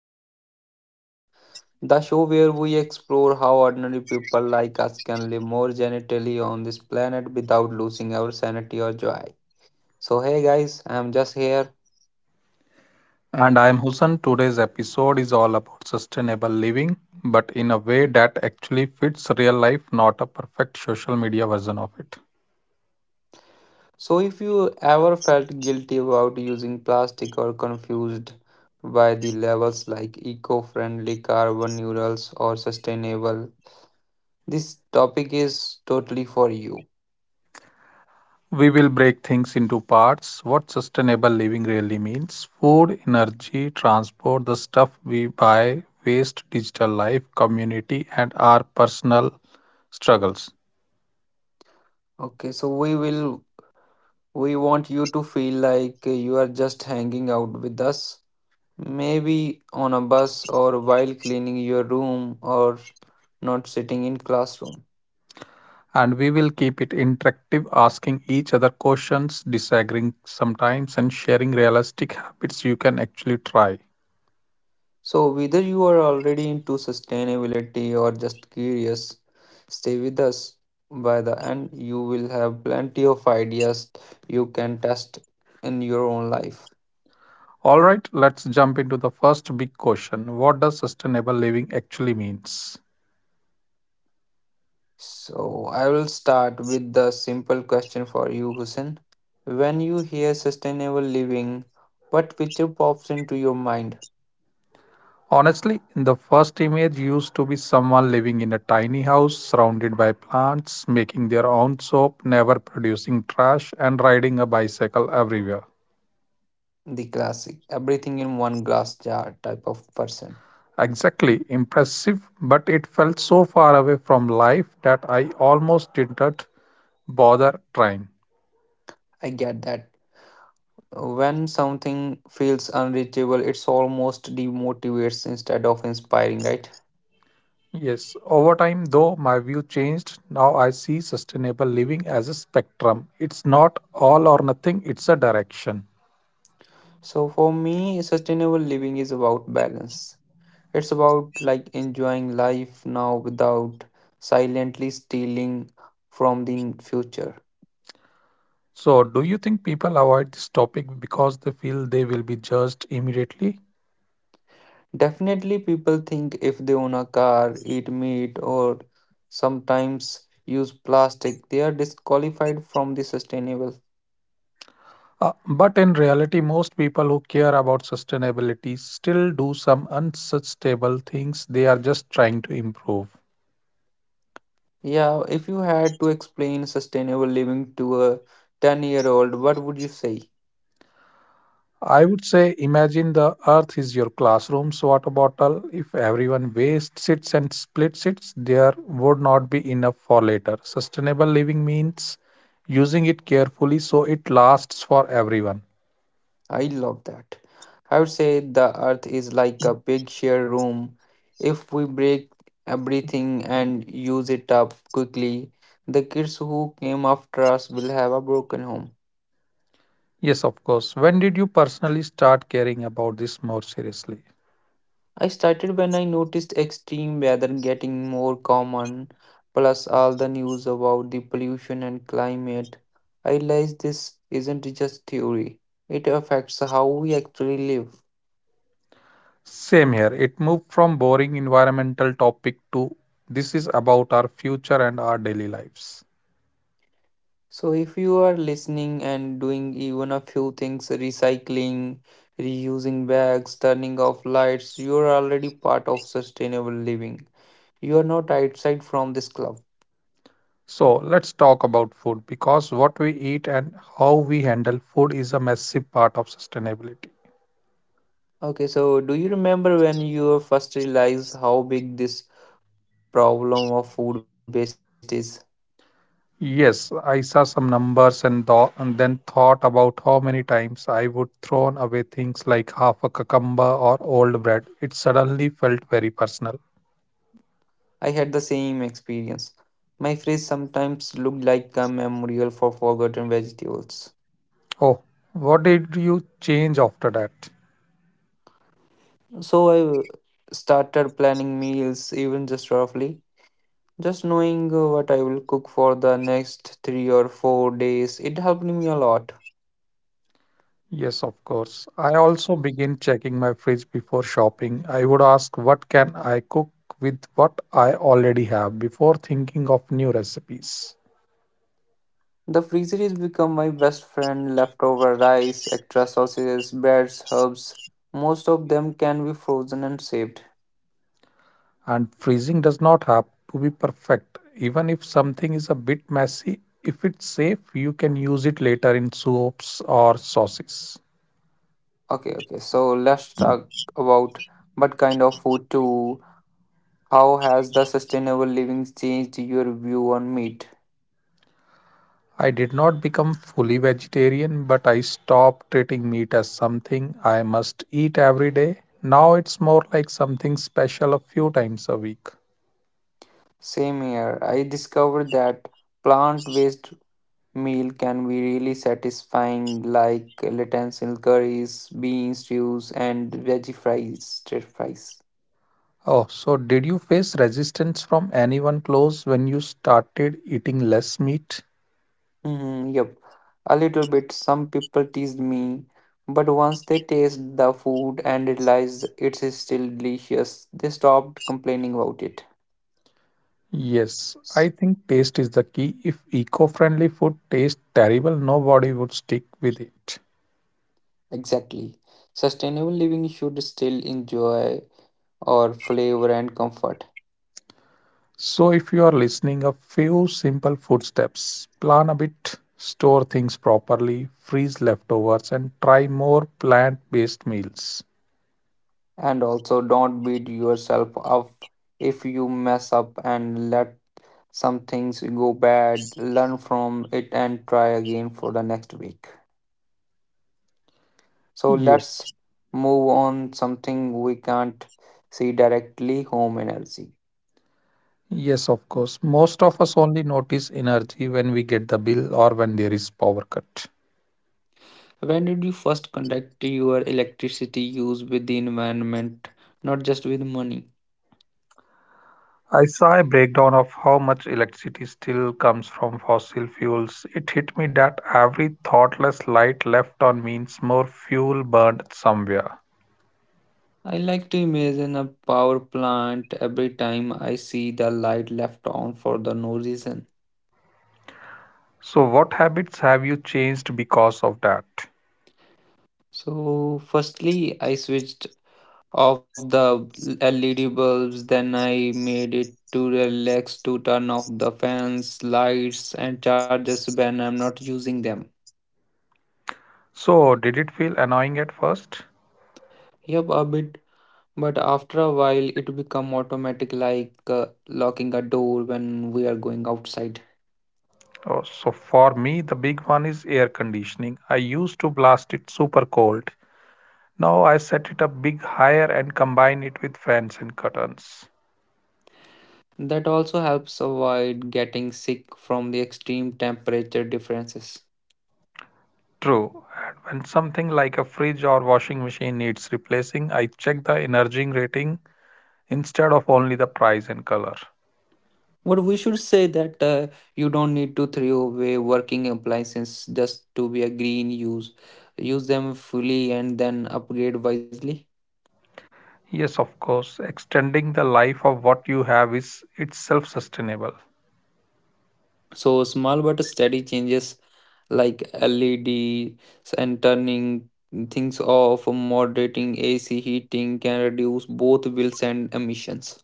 about Sustain Life, the show where we explore how ordinary people like us can live more genitally on this planet without losing our sanity or joy. So hey guys, I'm just here. And I am Hussein. Today's episode is all about sustainable living, but in a way that actually fits real life, not a perfect social media version of it. So if you ever felt guilty about using plastic or confused by the labels like eco-friendly, carbon neurals or sustainable, this topic is totally for you. We will break things into parts what sustainable living really means food, energy, transport, the stuff we buy, waste, digital life, community, and our personal struggles. Okay, so we will We want you to feel like you are just hanging out with us, maybe on a bus or while cleaning your room or not sitting in classroom. And we will keep it interactive, asking each other questions, disagreeing sometimes, and sharing realistic habits you can actually try. So whether you are already into sustainability or just curious, stay with us. By the end, you will have plenty of ideas you can test in your own life. All right, let's jump into the first big question. What does sustainable living actually means? So I will start with the simple question for you, Hussein. When you hear sustainable living, what picture pops into your mind? Honestly, in the first image used to be someone living in a tiny house surrounded by plants, making their own soap, never producing trash and riding a bicycle everywhere. The classic, everything in one glass jar type of person. Exactly, impressive, but it felt so far away from life that I almost didn't bother trying. I get that. When something feels unreachable, it's almost demotivates instead of inspiring, right? Yes, over time, though, my view changed. Now I see sustainable living as a spectrum. It's not all or nothing, it's a direction. So for me, sustainable living is about balance. It's about like enjoying life now without silently stealing from the future. So, do you think people avoid this topic because they feel they will be judged immediately? Definitely, people think if they own a car, eat meat, or sometimes use plastic, they are disqualified from the sustainable. But in reality, most people who care about sustainability still do some unsustainable things they are just trying to improve. Yeah, if you had to explain sustainable living to a 10-year-old, what would you say? I would say imagine the earth is your classroom's water bottle. If everyone wastes it and splits it, there would not be enough for later. Sustainable living means using it carefully so it lasts for everyone. I love that. I would say the earth is like a big share room. If we break everything and use it up quickly, the kids who came after us will have a broken home. Yes, of course. When did you personally start caring about this more seriously? I started when I noticed extreme weather getting more common, plus all the news about the pollution and climate. I realized this isn't just theory, it affects how we actually live. Same here. It moved from boring environmental topic to this is about our future and our daily lives. So, if you are listening and doing even a few things, recycling, reusing bags, turning off lights, you are already part of sustainable living. You are not outside from this club. So let's talk about food because what we eat and how we handle food is a massive part of sustainability. Okay, so do you remember when you first realized how big this problem of food waste is? Yes, I saw some numbers and, and then thought about how many times I would throw away things like half a cucumber or old bread. It suddenly felt very personal. I had the same experience. My fridge sometimes looked like a memorial for forgotten vegetables. Oh, what did you change after that? So I started planning meals even just roughly Just knowing what I will cook for the next three or four days, it helped me a lot. Yes, of course. I also begin checking my fridge before shopping. I would ask what can I cook with what I already have before thinking of new recipes. The freezer has become my best friend. Leftover rice, extra sausages, breads, herbs, most of them can be frozen and saved. And freezing does not have to be perfect. Even if something is a bit messy, if it's safe, you can use it later in soups or sauces. Okay, so let's talk about what kind of food too. How has the sustainable living changed your view on meat? I did not become fully vegetarian, but I stopped treating meat as something I must eat every day. Now it's more like something special a few times a week. Same here. I discovered that plant-based meal can be really satisfying, like lentil curries, bean stews, and veggie fries. Stir fries. Oh, so did you face resistance from anyone close when you started eating less meat? Yep, a little bit. Some people teased me, but once they taste the food and realize it's still delicious, they stopped complaining about it. Yes, I think taste is the key. If eco-friendly food tastes terrible, nobody would stick with it. Exactly. Sustainable living should still enjoy our flavor and comfort. So if you are listening, a few simple food steps. Plan a bit, store things properly, freeze leftovers, and try more plant-based meals. And also, don't beat yourself up if you mess up and let some things go bad, learn from it and try again for the next week. So Yes. let's move on something we can't see directly home energy. Yes, of course. Most of us only notice energy when we get the bill or when there is power cut. When did you first connect your electricity use with the environment, not just with money? I saw a breakdown of how much electricity still comes from fossil fuels. It hit me that every thoughtless light left on means more fuel burned somewhere. I like to imagine a power plant every time I see the light left on for the no reason. So, what habits have you changed because of that? So, firstly, I switched of the LED bulbs. Then I made it to relax to turn off the fans, lights, and chargers when I'm not using them. So, did it feel annoying at first? Yep, a bit. But after a while, it become automatic, like locking a door when we are going outside. Oh, so, for me, the big one is air conditioning. I used to blast it super cold. Now, I set it up big higher and combine it with fans and curtains. That also helps avoid getting sick from the extreme temperature differences. True. And when something like a fridge or washing machine needs replacing, I check the energy rating instead of only the price and color. But we should say that you don't need to throw away working appliances just to be a green use. Use them fully and then upgrade wisely. Yes, of course, extending the life of what you have is itself sustainable. So small but steady changes like LEDs and turning things off, moderating AC heating can reduce both bills and emissions.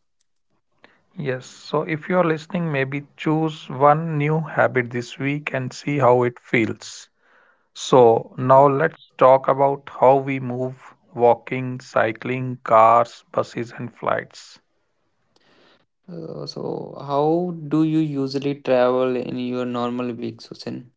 Yes, so if you are listening, maybe choose one new habit this week and see how it feels. So, now let's talk about how we move walking, cycling, cars, buses, and flights. So how do you usually travel in your normal week, Susan?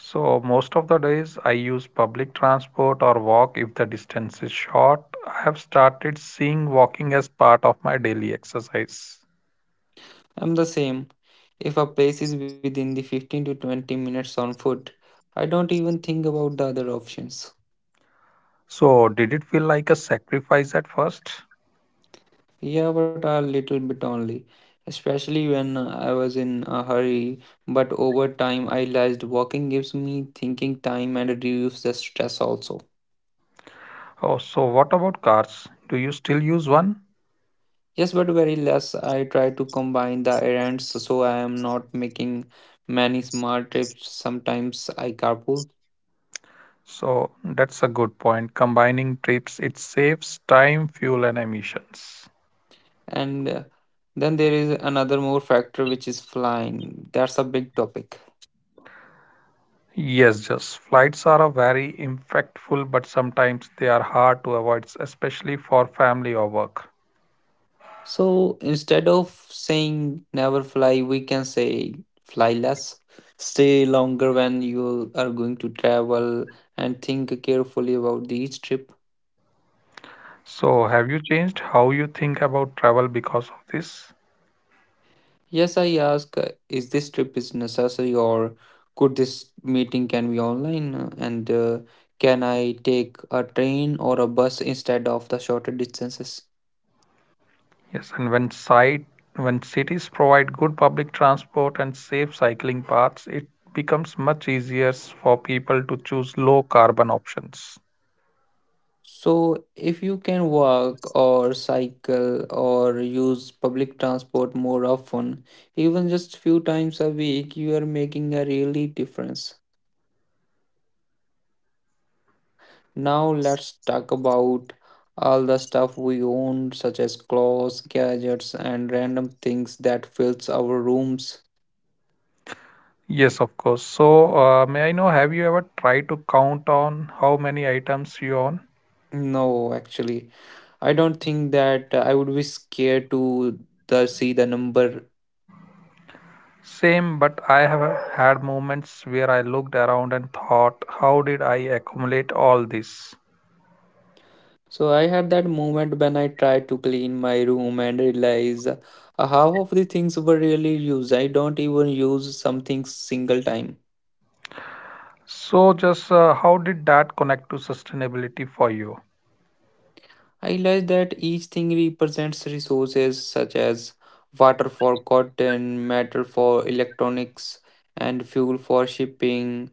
So most of the days I use public transport or walk if the distance is short. I have started seeing walking as part of my daily exercise. I'm the same. If a place is within the 15 to 20 minutes on foot, I don't even think about the other options. So did it feel like a sacrifice at first? Yeah, but a little bit only. Especially when I was in a hurry, but over time I realized walking gives me thinking time and reduces the stress also. Oh, so what about cars? Do you still use one? Yes, but very less. I try to combine the errands so I am not making many small trips. Sometimes I carpool. So that's a good point. Combining trips, it saves time, fuel, and emissions. And Then there is another more factor which is flying. That's a big topic. Yes, just flights are a very impactful, but sometimes they are hard to avoid, especially for family or work. So instead of saying never fly, we can say fly less, stay longer when you are going to travel, and think carefully about each trip. So, have you changed how you think about travel because of this? Yes, I ask, is this trip is necessary or could this meeting can be online, and can I take a train or a bus instead of the shorter distances? Yes, and when site when cities provide good public transport and safe cycling paths, it becomes much easier for people to choose low carbon options. So, if you can walk or cycle or use public transport more often, even just few times a week, you are making a really difference. Now, let's talk about all the stuff we own, such as clothes, gadgets, and random things that fills our rooms. Yes, of course. So, may I know, have you ever tried to count on how many items you own? No, actually, I don't think that I would be scared to the see the number. Same, but I have had moments where I looked around and thought, how did I accumulate all this? So I had that moment when I tried to clean my room and realized half of the things were really used. I don't even use something single time. So, just how did that connect to sustainability for you? I realized that each thing represents resources such as water for cotton, metal for electronics, and fuel for shipping.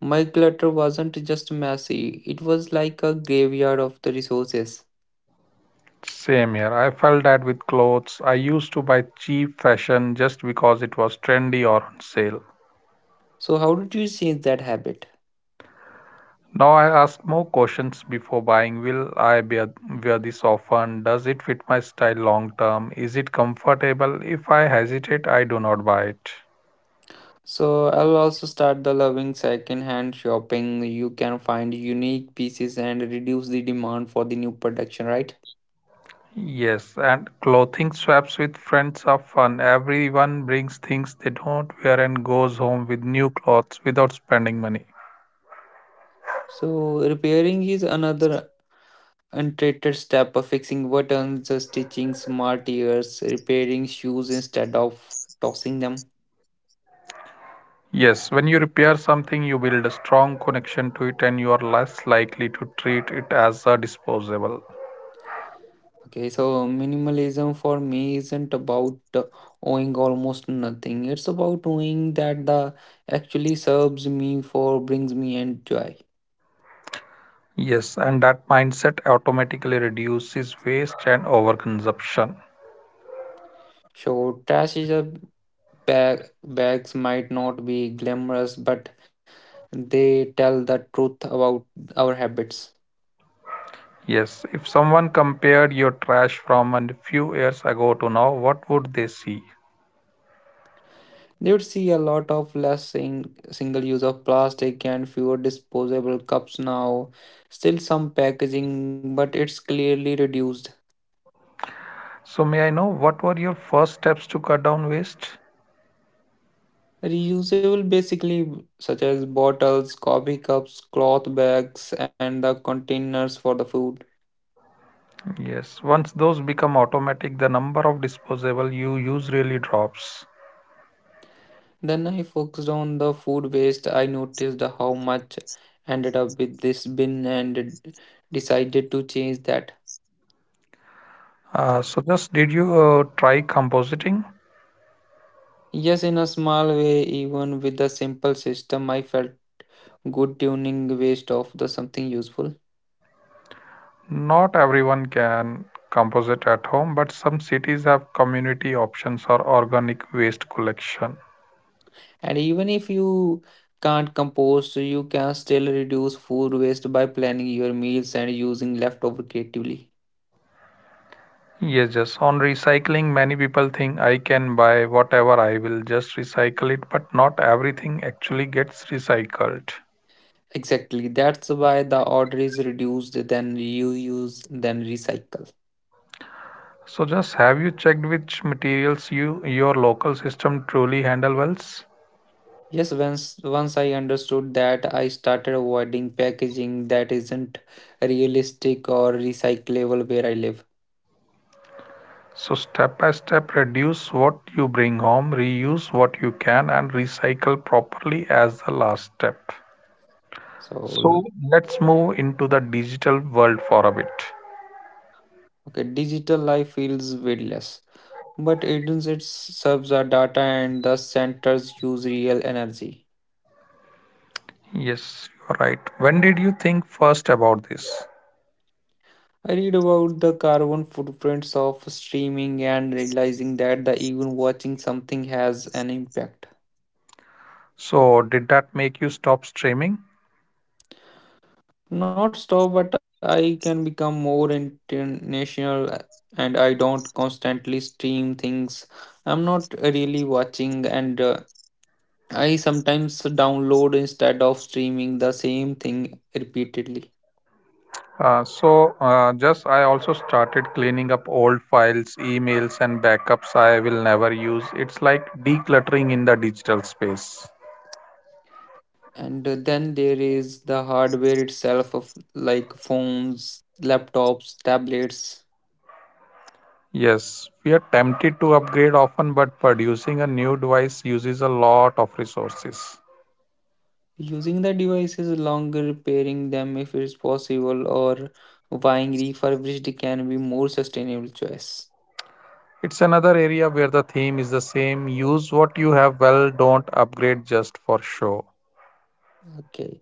My clutter wasn't just messy, it was like a graveyard of the resources. Same here. I felt that with clothes. I used to buy cheap fashion just because it was trendy or on sale. So how did you change that habit? Now I ask more questions before buying. Will I be wear this often? Does it fit my style long term? Is it comfortable? If I hesitate, I do not buy it. So I'll also start the loving second-hand shopping. You can find unique pieces and reduce the demand for the new production, right? Yes, and clothing swaps with friends are fun. Everyone brings things they don't wear and goes home with new clothes without spending money. So repairing is another untreated step of fixing buttons, stitching smart ears, repairing shoes instead of tossing them. Yes, when you repair something, you build a strong connection to it and you are less likely to treat it as a disposable. Okay, so minimalism for me isn't about owing almost nothing. It's about owing that the actually serves me for brings me and joy. Yes, and that mindset automatically reduces waste and overconsumption. So trash is a bag bags might not be glamorous, but they tell the truth about our habits. Yes, if someone compared your trash from a few years ago to now, what would they see? You would see a lot of less single use of plastic and fewer disposable cups now. Still some packaging, but it's clearly reduced. So, may I know what were your first steps to cut down waste? Reusable basically such as bottles, coffee cups, cloth bags and the containers for the food. Yes, once those become automatic, the number of disposable you use really drops. Then I focused on the food waste. I noticed how much ended up with this bin and d- decided to change that. So, just did you try compositing? Yes, in a small way, even with the simple system, I felt good tuning waste of the something useful. Not everyone can compost at home, but some cities have community options or organic waste collection. And even if you can't compost, you can still reduce food waste by planning your meals and using leftover creatively. Yes, just on recycling, many people think I can buy whatever I will just recycle it, but not everything actually gets recycled. Exactly, that's why the order is reduced, then reuse, then recycle. So just have you checked which materials your local system truly handle well? Yes, once I understood that, I started avoiding packaging that isn't realistic or recyclable where I live. So step by step reduce what you bring home, reuse what you can and recycle properly as the last step. So So, let's move into the digital world for a bit. okay, digital life feels weightless, but it serves our data and the centers use real energy. Yes, you're right. When did you think first about this? I read about the carbon footprints of streaming and realizing that the even watching something has an impact. So did that make you stop streaming? Not stop, but I can become more international, and I don't constantly stream things. I'm not really watching, and I sometimes download instead of streaming the same thing repeatedly. So just I also started cleaning up old files, emails, and backups I will never use. It's like decluttering in the digital space. And Then there is the hardware itself, of like phones, laptops, tablets. Yes, we are tempted to upgrade often, but producing a new device uses a lot of resources. Using the devices longer, repairing them if it's possible, or buying refurbished can be more sustainable choice. It's another area where the theme is the same use what you have well, don't upgrade just for show. Okay.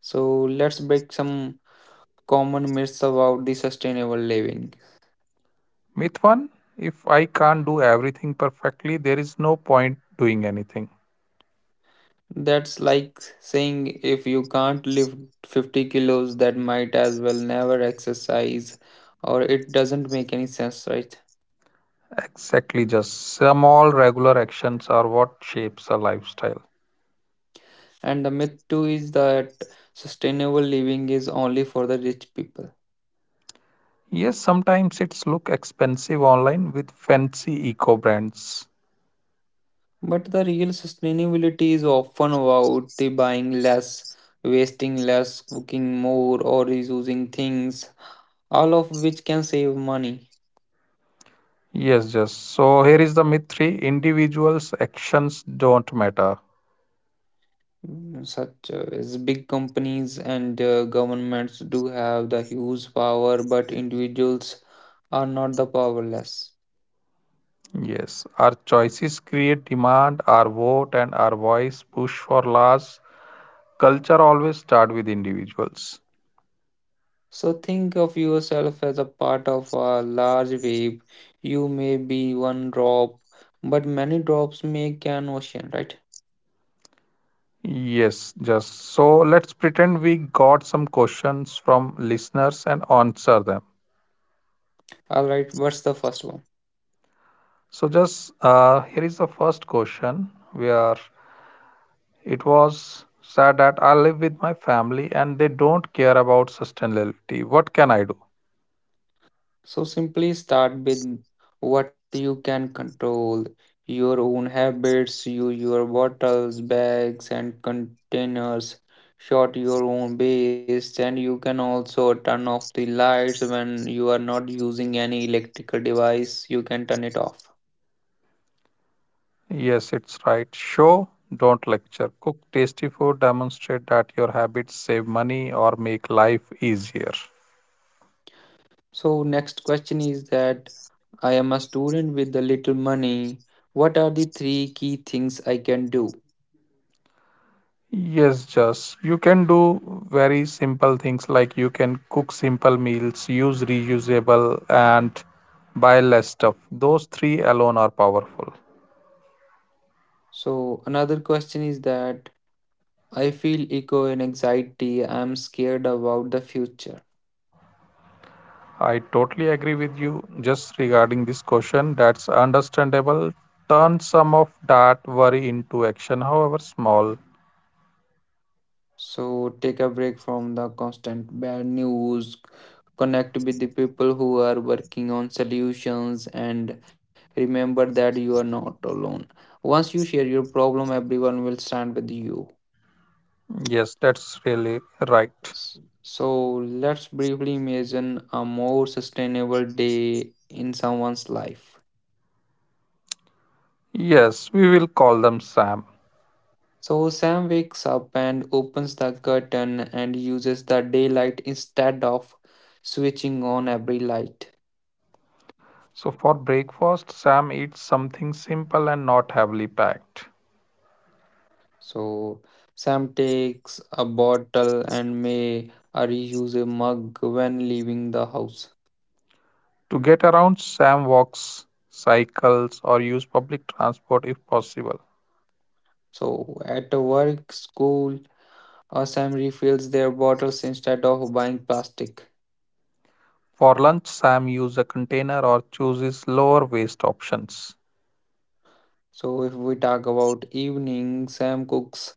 So let's break some common myths about the sustainable living. Myth 1: if I can't do everything perfectly, there is no point doing anything. That's like saying if you can't lift 50 kilos, that might as well never exercise, or it doesn't make any sense, right? Exactly, just small regular actions are what shapes a lifestyle. And the myth too is that sustainable living is only for the rich people. Yes, sometimes it's look expensive online with fancy eco brands. But the real sustainability is often about the buying less, wasting less, cooking more, or reusing things, all of which can save money. Yes, just so here is the myth 3, individuals' actions don't matter. Such as big companies and governments do have the huge power, but individuals are not the powerless. Yes, our choices create demand, our vote and our voice push for laws. Culture always start with individuals. So think of yourself as a part of a large wave. You may be one drop, but many drops make an ocean, right? Yes, just so let's pretend we got some questions from listeners and answer them. All right, what's the first one? So just here is the first question where it was said that I live with my family and they don't care about sustainability. What can I do? So simply start with what you can control your own habits, you, your bottles, bags, and containers. Short your own waste, and you can also turn off the lights when you are not using any electrical device. You can turn it off. Yes, it's right. Show, don't lecture. Cook tasty food, demonstrate that your habits save money or make life easier. So, next question is that I am a student with a little money. What are the three key things I can do? Yes, just you can do very simple things like you can cook simple meals, use reusable, and buy less stuff. Those three alone are powerful. So, another question is that I feel echo and anxiety. I'm scared about the future. I totally agree with you just regarding this question. That's understandable. Turn some of that worry into action, however small. So take a break from the constant bad news. Connect with the people who are working on solutions and remember that you are not alone. Once you share your problem, everyone will stand with you. Yes, that's really right. S- So let's briefly imagine a more sustainable day in someone's life. Yes, we will call them Sam. So Sam wakes up and opens the curtain and uses the daylight instead of switching on every light. So for breakfast, Sam eats something simple and not heavily packed. So Sam takes a bottle and may reuse a mug when leaving the house. To get around, Sam walks, cycles, or use public transport if possible. So at work, school, Sam refills their bottles instead of buying plastic. For lunch, Sam uses a container or chooses lower waste options. So if we talk about evening, Sam cooks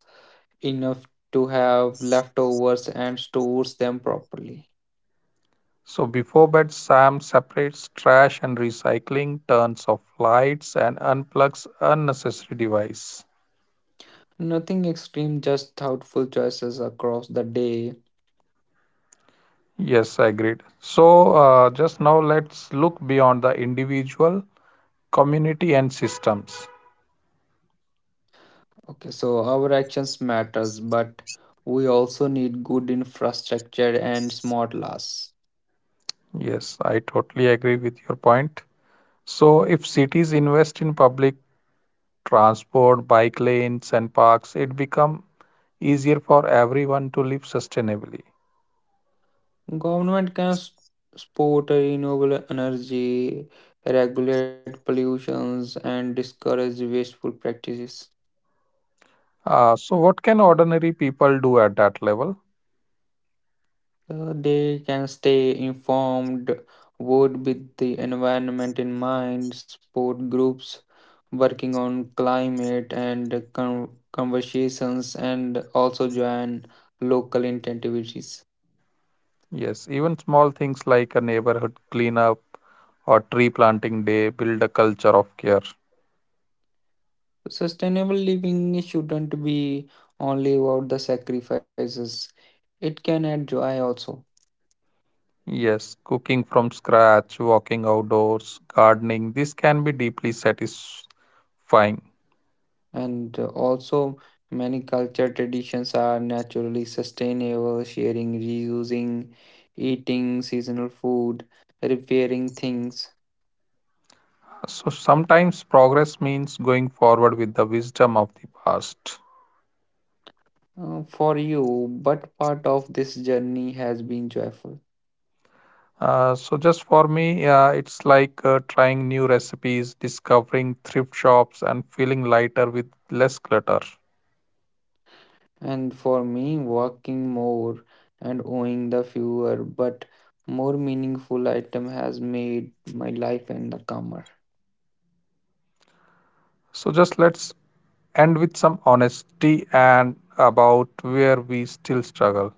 enough to have leftovers and stores them properly. So before bed, Sam separates trash and recycling, turns off lights, and unplugs unnecessary device. Nothing extreme, just thoughtful choices across the day. Yes, agreed. So just now let's look beyond the individual community and systems. Okay, so our actions matters, but we also need good infrastructure and smart laws. Yes, I totally agree with your point. So if cities invest in public transport, bike lanes and parks, it become easier for everyone to live sustainably. Government can support renewable energy, regulate pollutions, and discourage wasteful practices. So what can ordinary people do at that level? They can stay informed, vote with the environment in mind, support groups working on climate and conversations, and also join local activities. Yes, even small things like a neighborhood cleanup or tree planting day build a culture of care. Sustainable living shouldn't be only about the sacrifices, it can add joy also. Yes, cooking from scratch, walking outdoors, gardening, this can be deeply satisfying. And also, many culture traditions are naturally sustainable: sharing, reusing, eating seasonal food, repairing things So sometimes progress means going forward with the wisdom of the past. For you. But part of this journey has been joyful. So just for me, it's like trying new recipes, discovering thrift shops, and feeling lighter with less clutter. And for me, working more and owning the fewer but more meaningful item has made my life and the calmer. So just let's end with some honesty and about where we still struggle.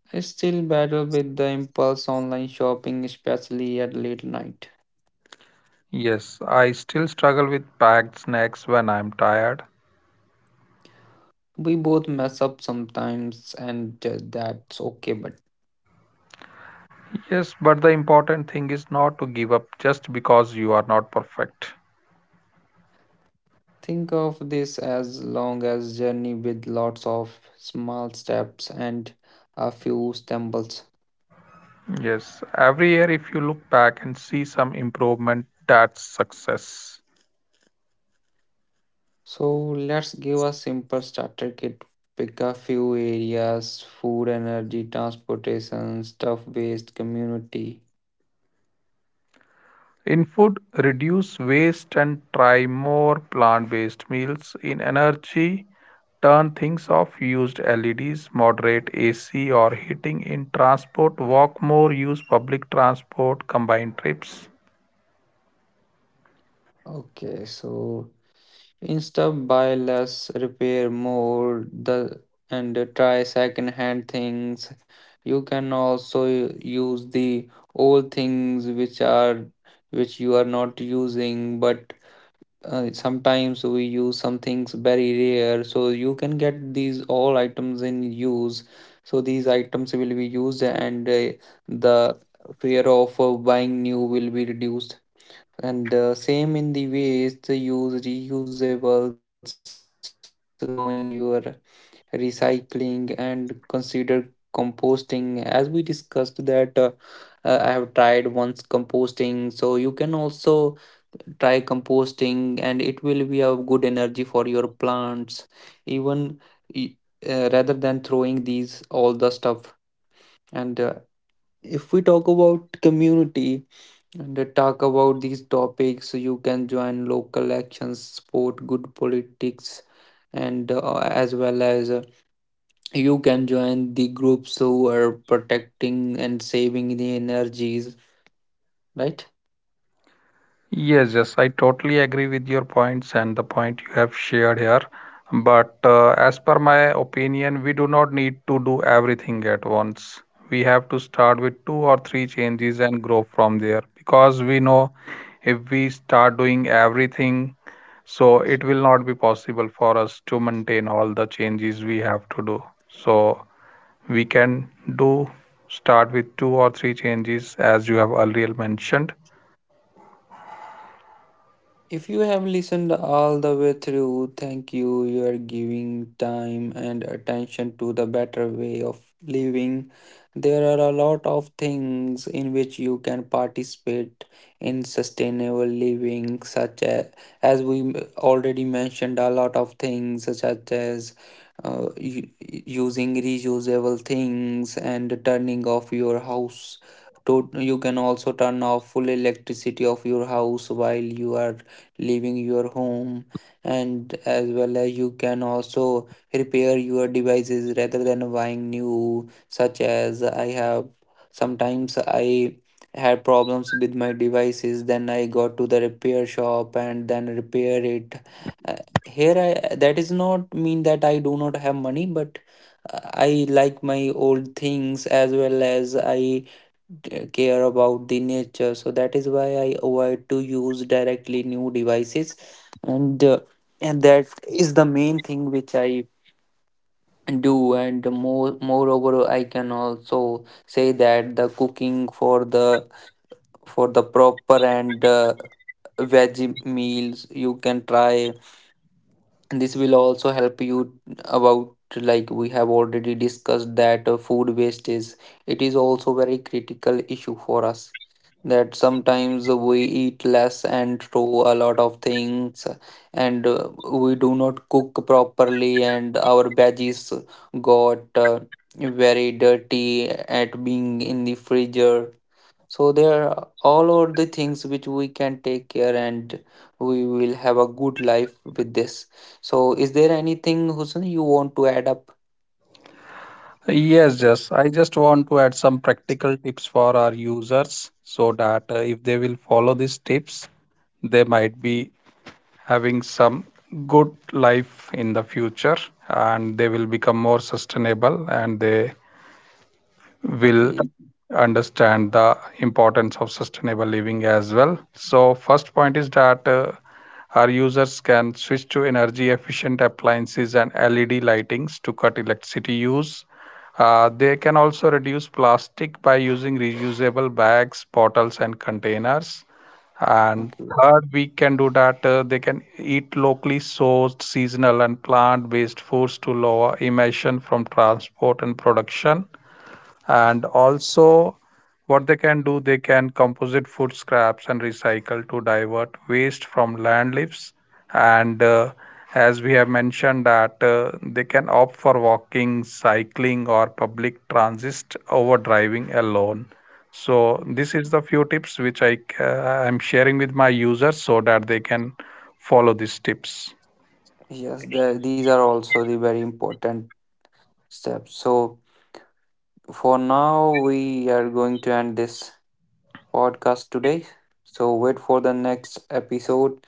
I still battle with the impulse online shopping, especially at late night. Yes, I still struggle with packed snacks when I'm tired. We both mess up sometimes, and that's okay. But Yes, but the important thing is not to give up just because you are not perfect. think of this as long as journey with lots of small steps and a few stumbles. Yes, every year, if you look back and see some improvement, that's success. So let's give a simple starter kit. Pick a few areas: food, energy, transportation, stuff waste, community. In food, reduce waste and try more plant based meals. In energy, turn things off, used LEDs, moderate AC or heating. In transport, walk more, use public transport, combine trips. Okay, so Insta buy less, repair more, the and try second hand things. You can also use the old things which you are not using, but sometimes we use some things very rare, so you can get these all items in use. So these items will be used, and the fear of buying new will be reduced. And same in the ways to use reusables, knowing your recycling and consider composting. As we discussed that I have tried once composting, so you can also try composting and it will be a good energy for your plants even y- rather than throwing these all the stuff. And if we talk about community and they talk about these topics, you can join local actions, sport good politics, and as well as you can join the groups who are protecting and saving the energies, right? Yes, yes, I totally agree with your points and the point you have shared here. But as per my opinion, we do not need to do everything at once. We have to start with two or three changes and grow from there because we know if we start doing everything, so it will not be possible for us to maintain all the changes we have to do. So we can do start with two or three changes as you have earlier mentioned. If you have listened all the way through, thank you. You are giving time and attention to the better way of living. There are a lot of things in which you can participate in sustainable living, such as we already mentioned, a lot of things such as using reusable things and turning off your house. To you can also turn off full electricity of your house while you are leaving your home, and as well as you can also repair your devices rather than buying new, such as I have sometimes I had problems with my devices, then I got to the repair shop and then repair it. Uh, Here I that is not mean that I do not have money, but uh, I like my old things, as well as I care about the nature, so that is why I avoid to use directly new devices. And that is the main thing which I do. And moreover, I can also say that the cooking for the proper and veggie meals you can try, and this will also help you about, like we have already discussed, that food waste is, it is also very critical issue for us, that sometimes we eat less and throw a lot of things, and we do not cook properly and our veggies got very dirty at being in the freezer. So there are all are the things which we can take care, and we will have a good life with this. So is there anything Hussein you want to add up? Yes, just I just want to add some practical tips for our users so that if they will follow these tips, they might be having some good life in the future and they will become more sustainable and they will Okay. understand the importance of sustainable living as well. So, first point is that our users can switch to energy efficient appliances and LED lightings to cut electricity use. They can also reduce plastic by using reusable bags, bottles, and containers. And Okay. third, we can do that. They can eat locally sourced, seasonal, and plant based foods to lower emission from transport and production, and also what they can do they can composite food scraps and recycle to divert waste from land lives, and as we have mentioned that they can opt for walking cycling or public transit over driving alone. So this is the few tips which I'm sharing with my users so that they can follow these tips. Yes, these are also the very important steps. So for now we are going to end this podcast today, so wait for the next episode.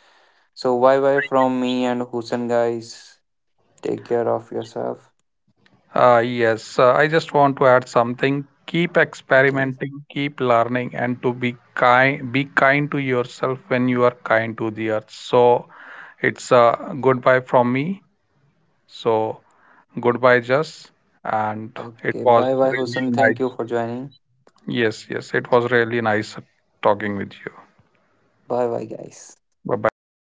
So bye bye from me and Hussein, guys. Take care of yourself. Yes, I just want to add something. Keep Okay. experimenting, keep learning, and to be kind to yourself when you are kind to the earth. So it's a goodbye from me. So goodbye, Jess. And it Okay, was bye bye really Hussein, thank you nice. for joining. Yes, yes, it was really nice talking with you. Bye bye, guys. Bye bye. Take